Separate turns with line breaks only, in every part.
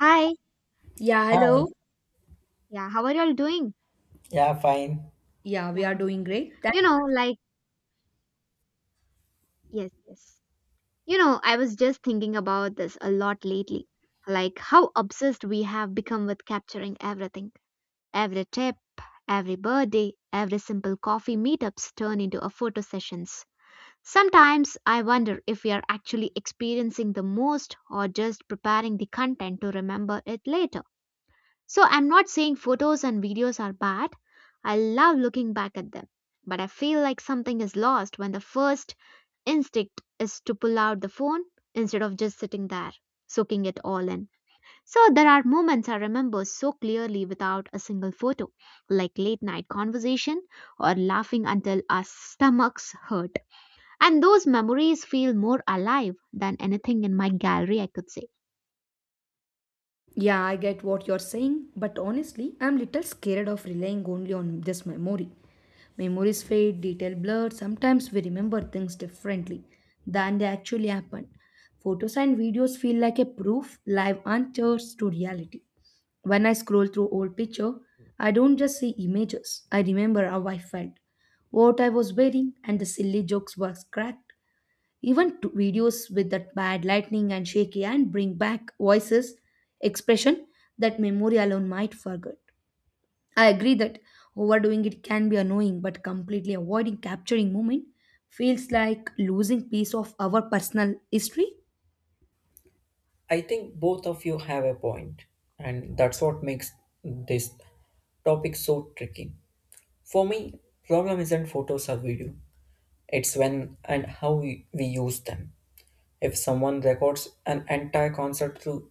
Hi.
Yeah,
Hi.
hello.
Yeah, how are y'all doing?
Yeah, fine.
Yeah, we are
Yeah.
doing great. Thank
You know, like, yes, yes. You know, I was just thinking about this a lot lately. Like, how obsessed we have become with capturing everything. Every tip, every birthday, every simple coffee meetups turn into a photo sessions. Sometimes I wonder if we are actually experiencing the most or just preparing the content to remember it later. So I'm not saying photos and videos are bad. I love looking back at them. But I feel like something is lost when the first instinct is to pull out the phone instead of just sitting there, soaking it all in. So there are moments I remember so clearly without a single photo, like late night conversation or laughing until our stomachs hurt. And those memories feel more alive than anything in my gallery, I could say.
yeah, I get what you're saying, but honestly, I'm little scared of relying only on this memory. Memories fade, detail blur. Sometimes we remember things differently than they actually happen. Photos and videos feel like a proof, live answers to reality. When I scroll through old picture, I don't just see images. I remember how I felt, what I was wearing, and the silly jokes were cracked. Even videos with that bad lighting and shaky hand bring back voices, expression that memory alone might forget. I agree that overdoing it can be annoying, but completely avoiding capturing moment feels like losing piece of our personal history.
I think both of you have a point, and that's what makes this topic so tricky. For me, problem isn't photos or video. It's when and how we use them. If someone records an entire concert through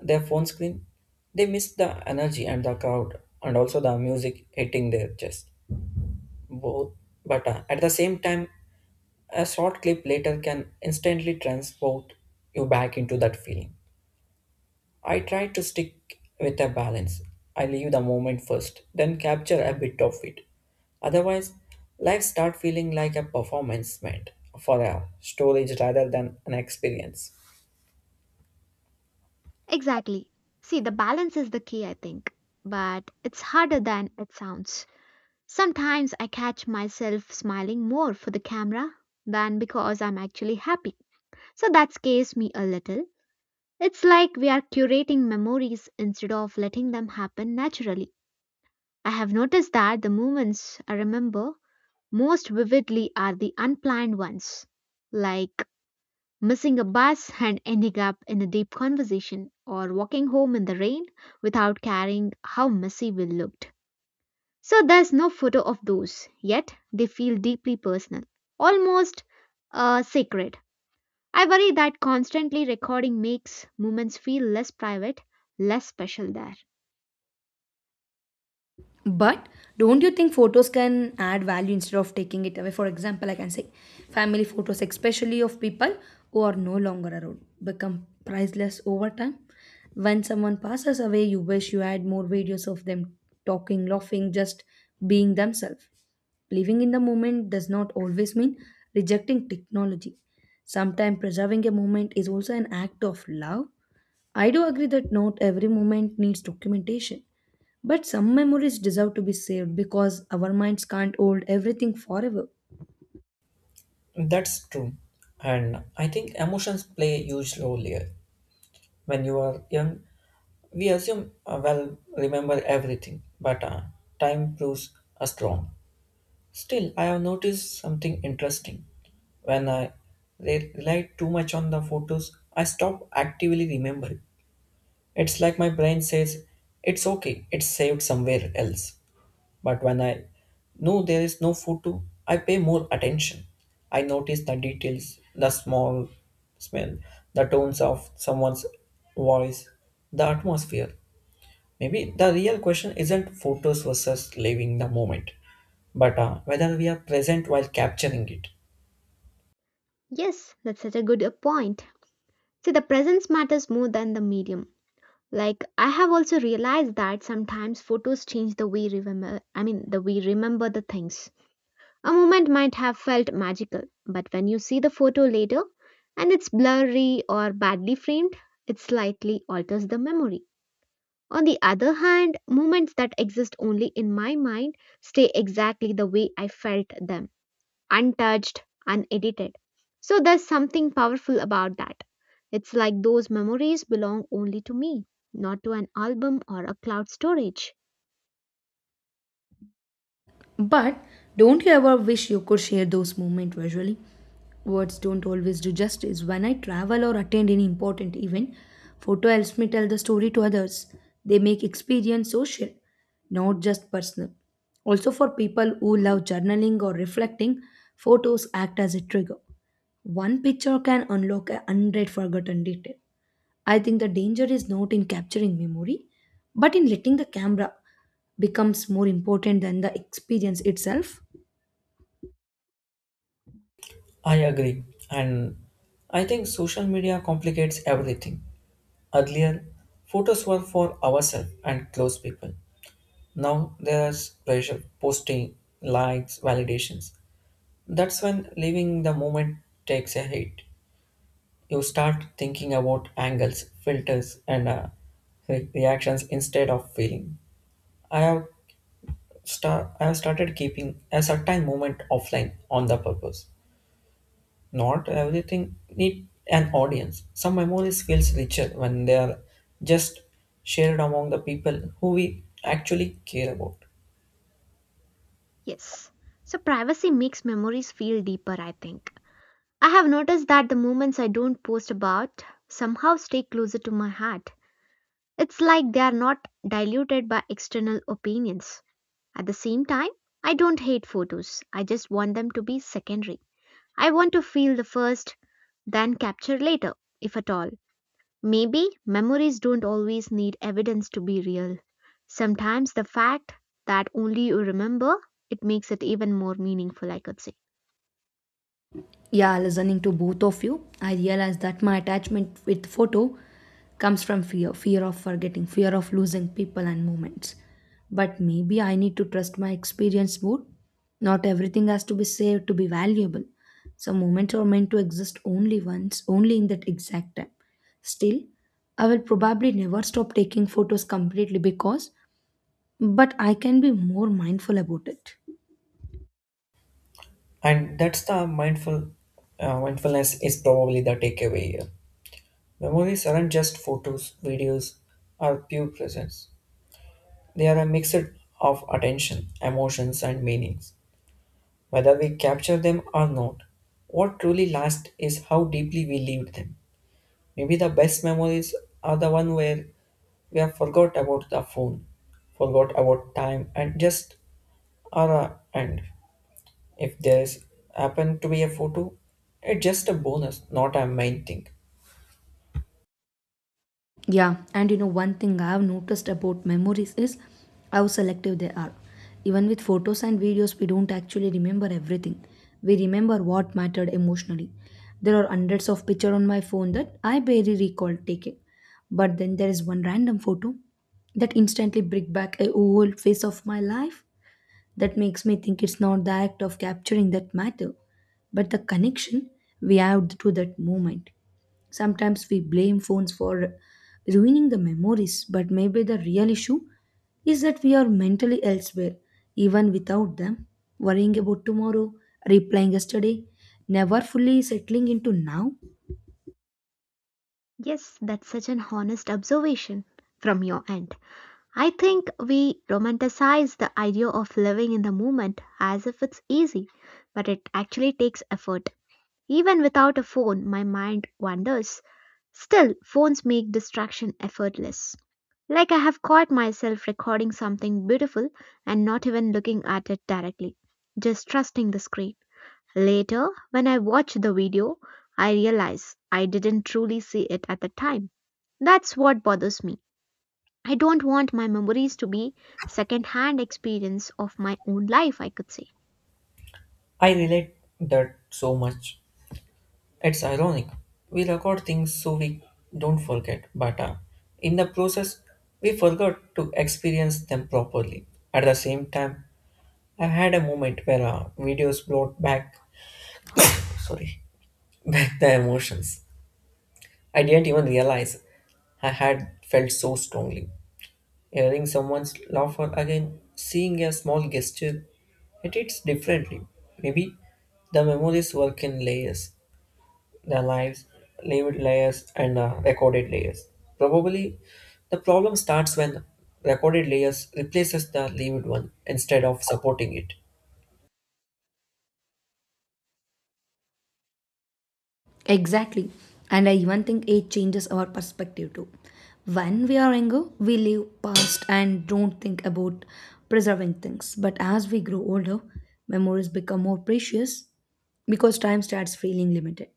their phone screen, they miss the energy and the crowd and also the music hitting their chest. Both, but at the same time, a short clip later can instantly transport you back into that feeling. I try to stick with a balance. I leave the moment first, then capture a bit of it. Otherwise, life start feeling like a performance meant for a storage rather than an experience.
Exactly. See, the balance is the key, I think. But it's harder than it sounds. Sometimes I catch myself smiling more for the camera than because I'm actually happy. So that scares me a little. It's like we are curating memories instead of letting them happen naturally. I have noticed that the moments I remember most vividly are the unplanned ones. Like missing a bus and ending up in a deep conversation, or walking home in the rain without caring how messy we looked. So there's no photo of those, yet they feel deeply personal, almost sacred. I worry that constantly recording makes moments feel less private, less special there.
But don't you think photos can add value instead of taking it away? For example, I can say family photos, especially of people who are no longer around, become priceless over time. When someone passes away, you wish you had more videos of them talking, laughing, just being themselves. Living in the moment does not always mean rejecting technology. Sometimes preserving a moment is also an act of love. I do agree that not every moment needs documentation, but some memories deserve to be saved because our minds can't hold everything forever.
That's true. And I think emotions play a huge role here. When you are young, we assume, well, remember everything, but time proves us wrong. Still, I have noticed something interesting. When I rely too much on the photos, I stop actively remembering. It's like my brain says, it's okay, it's saved somewhere else. But when I know there is no photo, I pay more attention. I notice the details, the small smell, the tones of someone's voice, the atmosphere. Maybe the real question isn't photos versus living the moment, but whether we are present while capturing it.
Yes, that's such a good point. See, the presence matters more than the medium. Like I have also realized that sometimes photos change the way remember I mean the way remember the things. A moment might have felt magical, but when you see the photo later and it's blurry or badly framed, it slightly alters the memory. On the other hand, moments that exist only in my mind stay exactly the way I felt them, untouched, unedited. So there's something powerful about that. It's like those memories belong only to me, not to an album or a cloud storage.
But don't you ever wish you could share those moments visually? Words don't always do justice. When I travel or attend any important event, photo helps me tell the story to others. They make experience social, not just personal. Also, for people who love journaling or reflecting, photos act as a trigger. One picture can unlock a hundred forgotten details. I think the danger is not in capturing memory, but in letting the camera becomes more important than the experience itself.
I agree, and I think social media complicates everything. Earlier, photos were for ourselves and close people. Now there's pressure, posting, likes, validations. That's when living the moment takes a hit. You start thinking about angles, filters, and reactions instead of feeling. I have I have started keeping a certain moment offline on the purpose. Not everything need an audience. Some memories feels richer when they are just shared among the people who we actually care about.
Yes. So privacy makes memories feel deeper, I think. I have noticed that the moments I don't post about somehow stay closer to my heart. It's like they are not diluted by external opinions. At the same time, I don't hate photos, I just want them to be secondary. I want to feel the first, then capture later, if at all. Maybe memories don't always need evidence to be real. Sometimes the fact that only you remember it makes it even more meaningful, I could say.
Yeah, listening to both of you, I realized that my attachment with photo comes from fear of forgetting, fear of losing people and moments. But maybe I need to trust my experience more. Not everything has to be saved to be valuable. Some moments are meant to exist only once, only in that exact time. Still, I will probably never stop taking photos completely because, but I can be more mindful about it.
And that's the mindfulness is probably the takeaway here. Memories aren't just photos, videos, or pure presence. They are a mix of attention, emotions, and meanings. Whether we capture them or not, what truly lasts is how deeply we lived them. Maybe the best memories are the one where we have forgot about the phone, forgot about time, and just are a end. If there's happened to be a photo, it's just a bonus, not a main thing.
Yeah, and you know, one thing I have noticed about memories is how selective they are. Even with photos and videos, we don't actually remember everything. We remember what mattered emotionally. There are hundreds of pictures on my phone that I barely recall taking. But then there is one random photo that instantly brings back a whole phase of my life. That makes me think it's not the act of capturing that matter, but the connection we have to that moment. Sometimes we blame phones for ruining the memories, but maybe the real issue is that we are mentally elsewhere, even without them, worrying about tomorrow, replying yesterday, never fully settling into now.
Yes, that's such an honest observation from your end. I think we romanticize the idea of living in the moment as if it's easy, but it actually takes effort. Even without a phone, my mind wanders. Still, phones make distraction effortless. Like I have caught myself recording something beautiful and not even looking at it directly, just trusting the screen. Later, when I watch the video, I realize I didn't truly see it at the time. That's what bothers me. I don't want my memories to be second-hand experience of my own life, I could say.
I relate that so much. It's ironic. We record things so we don't forget, but in the process, we forgot to experience them properly. At the same time, I had a moment where videos brought back, sorry, back the emotions. I didn't even realize I had felt so strongly. Hearing someone laughter again, seeing a small gesture, it hits differently. Maybe the memories work in layers, the lived layers, and recorded layers. Probably the problem starts when recorded layers replaces the lived one instead of supporting it.
Exactly. And I even think age changes our perspective too. When we are younger, we live past and don't think about preserving things. But as we grow older, memories become more precious because time starts feeling limited.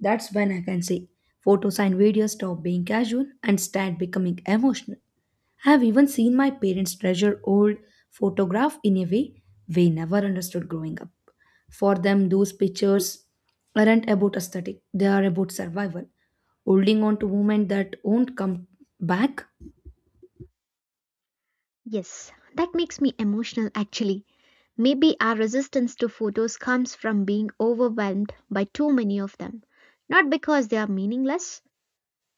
That's when I can say photos and videos stop being casual and start becoming emotional. I have even seen my parents treasure old photograph in a way they never understood growing up. For them, those pictures aren't about aesthetic, they are about survival, holding on to moment that won't come back.
Yes, that makes me emotional actually. Maybe our resistance to photos comes from being overwhelmed by too many of them, not because they are meaningless.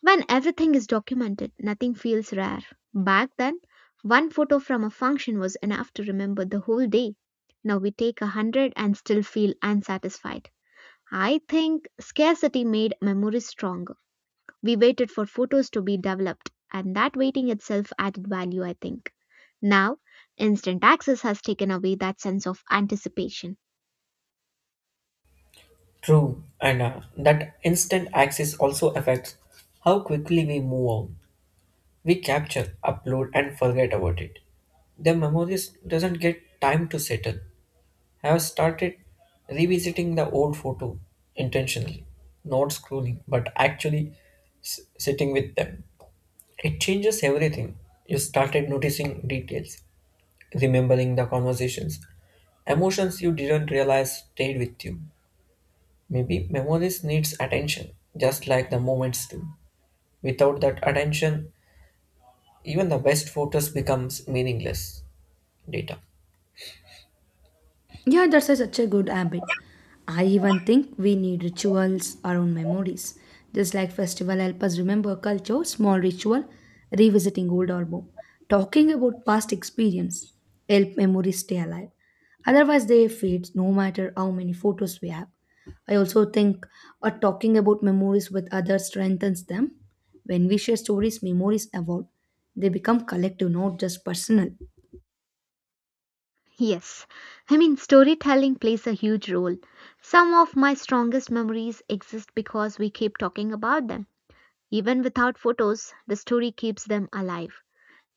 When everything is documented, nothing feels rare. Back then, one photo from a function was enough to remember the whole day. Now we take 100 and still feel unsatisfied. I think scarcity made memories stronger. We waited for photos to be developed, and that waiting itself added value, I think. Now, instant access has taken away that sense of anticipation.
True, and that instant access also affects how quickly we move on. We capture, upload, and forget about it. The memories doesn't get time to settle. I have started revisiting the old photo intentionally, not scrolling, but actually sitting with them. It changes everything. You started noticing details, remembering the conversations, emotions you didn't realize stayed with you. Maybe memories needs attention, just like the moments do. Without that attention, even the best photos becomes meaningless. Data.
Yeah, that's such a good habit. I even think we need rituals around memories. Just like festival help us remember culture, small ritual, revisiting old album, talking about past experience, help memories stay alive. Otherwise they fade no matter how many photos we have. I also think talking about memories with others strengthens them. When we share stories, memories evolve. They become collective, not just personal.
Yes, I mean, storytelling plays a huge role. Some of my strongest memories exist because we keep talking about them. Even without photos, the story keeps them alive.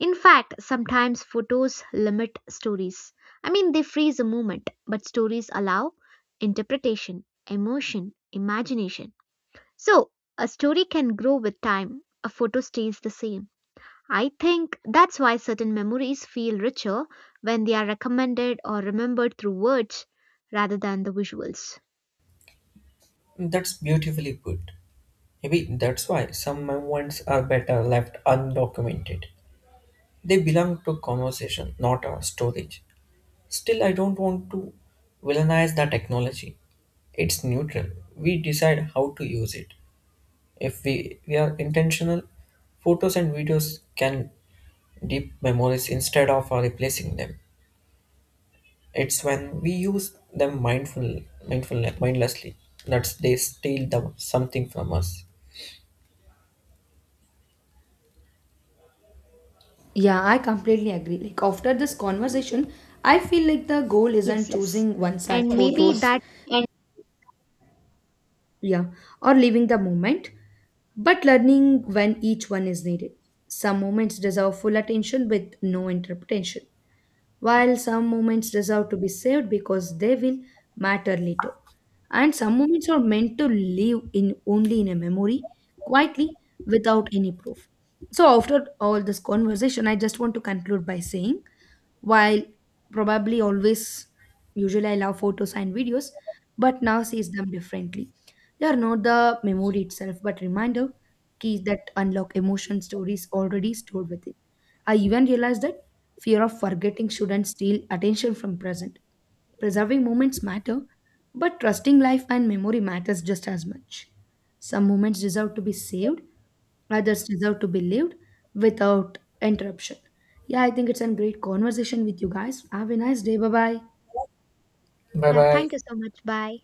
In fact, sometimes photos limit stories. I mean, they freeze a moment, but stories allow interpretation, emotion, imagination. So, a story can grow with time, a photo stays the same. I think that's why certain memories feel richer when they are recommended or remembered through words rather than the visuals.
That's beautifully put. Maybe that's why some moments are better left undocumented. They belong to conversation, not our storage. Still, I don't want to villainize the technology. It's neutral. We decide how to use it. If we are intentional, photos and videos can deep memories instead of replacing them. It's when we use them mindlessly that they steal the, something from us.
Yeah, I completely agree. Like after this conversation, I feel like the goal
Yes,
isn't
yes.
choosing one side
And maybe
photos,
that,
yeah, or leaving the moment, but learning when each one is needed. Some moments deserve full attention with no interpretation, while some moments deserve to be saved because they will matter later. And some moments are meant to live in only in a memory, quietly, without any proof. So after all this conversation, I just want to conclude by saying while probably always usually I love photos and videos, but now sees them differently. They are not the memory itself but reminder keys that unlock emotion stories already stored within. I even realized that fear of forgetting shouldn't steal attention from present. Preserving moments matter, but trusting life and memory matters just as much. Some moments deserve to be saved, others deserve to be lived without interruption. Yeah, I think it's a great conversation with you guys. Have a nice day. Bye bye.
Bye
yeah,
bye.
thank you so much. Bye.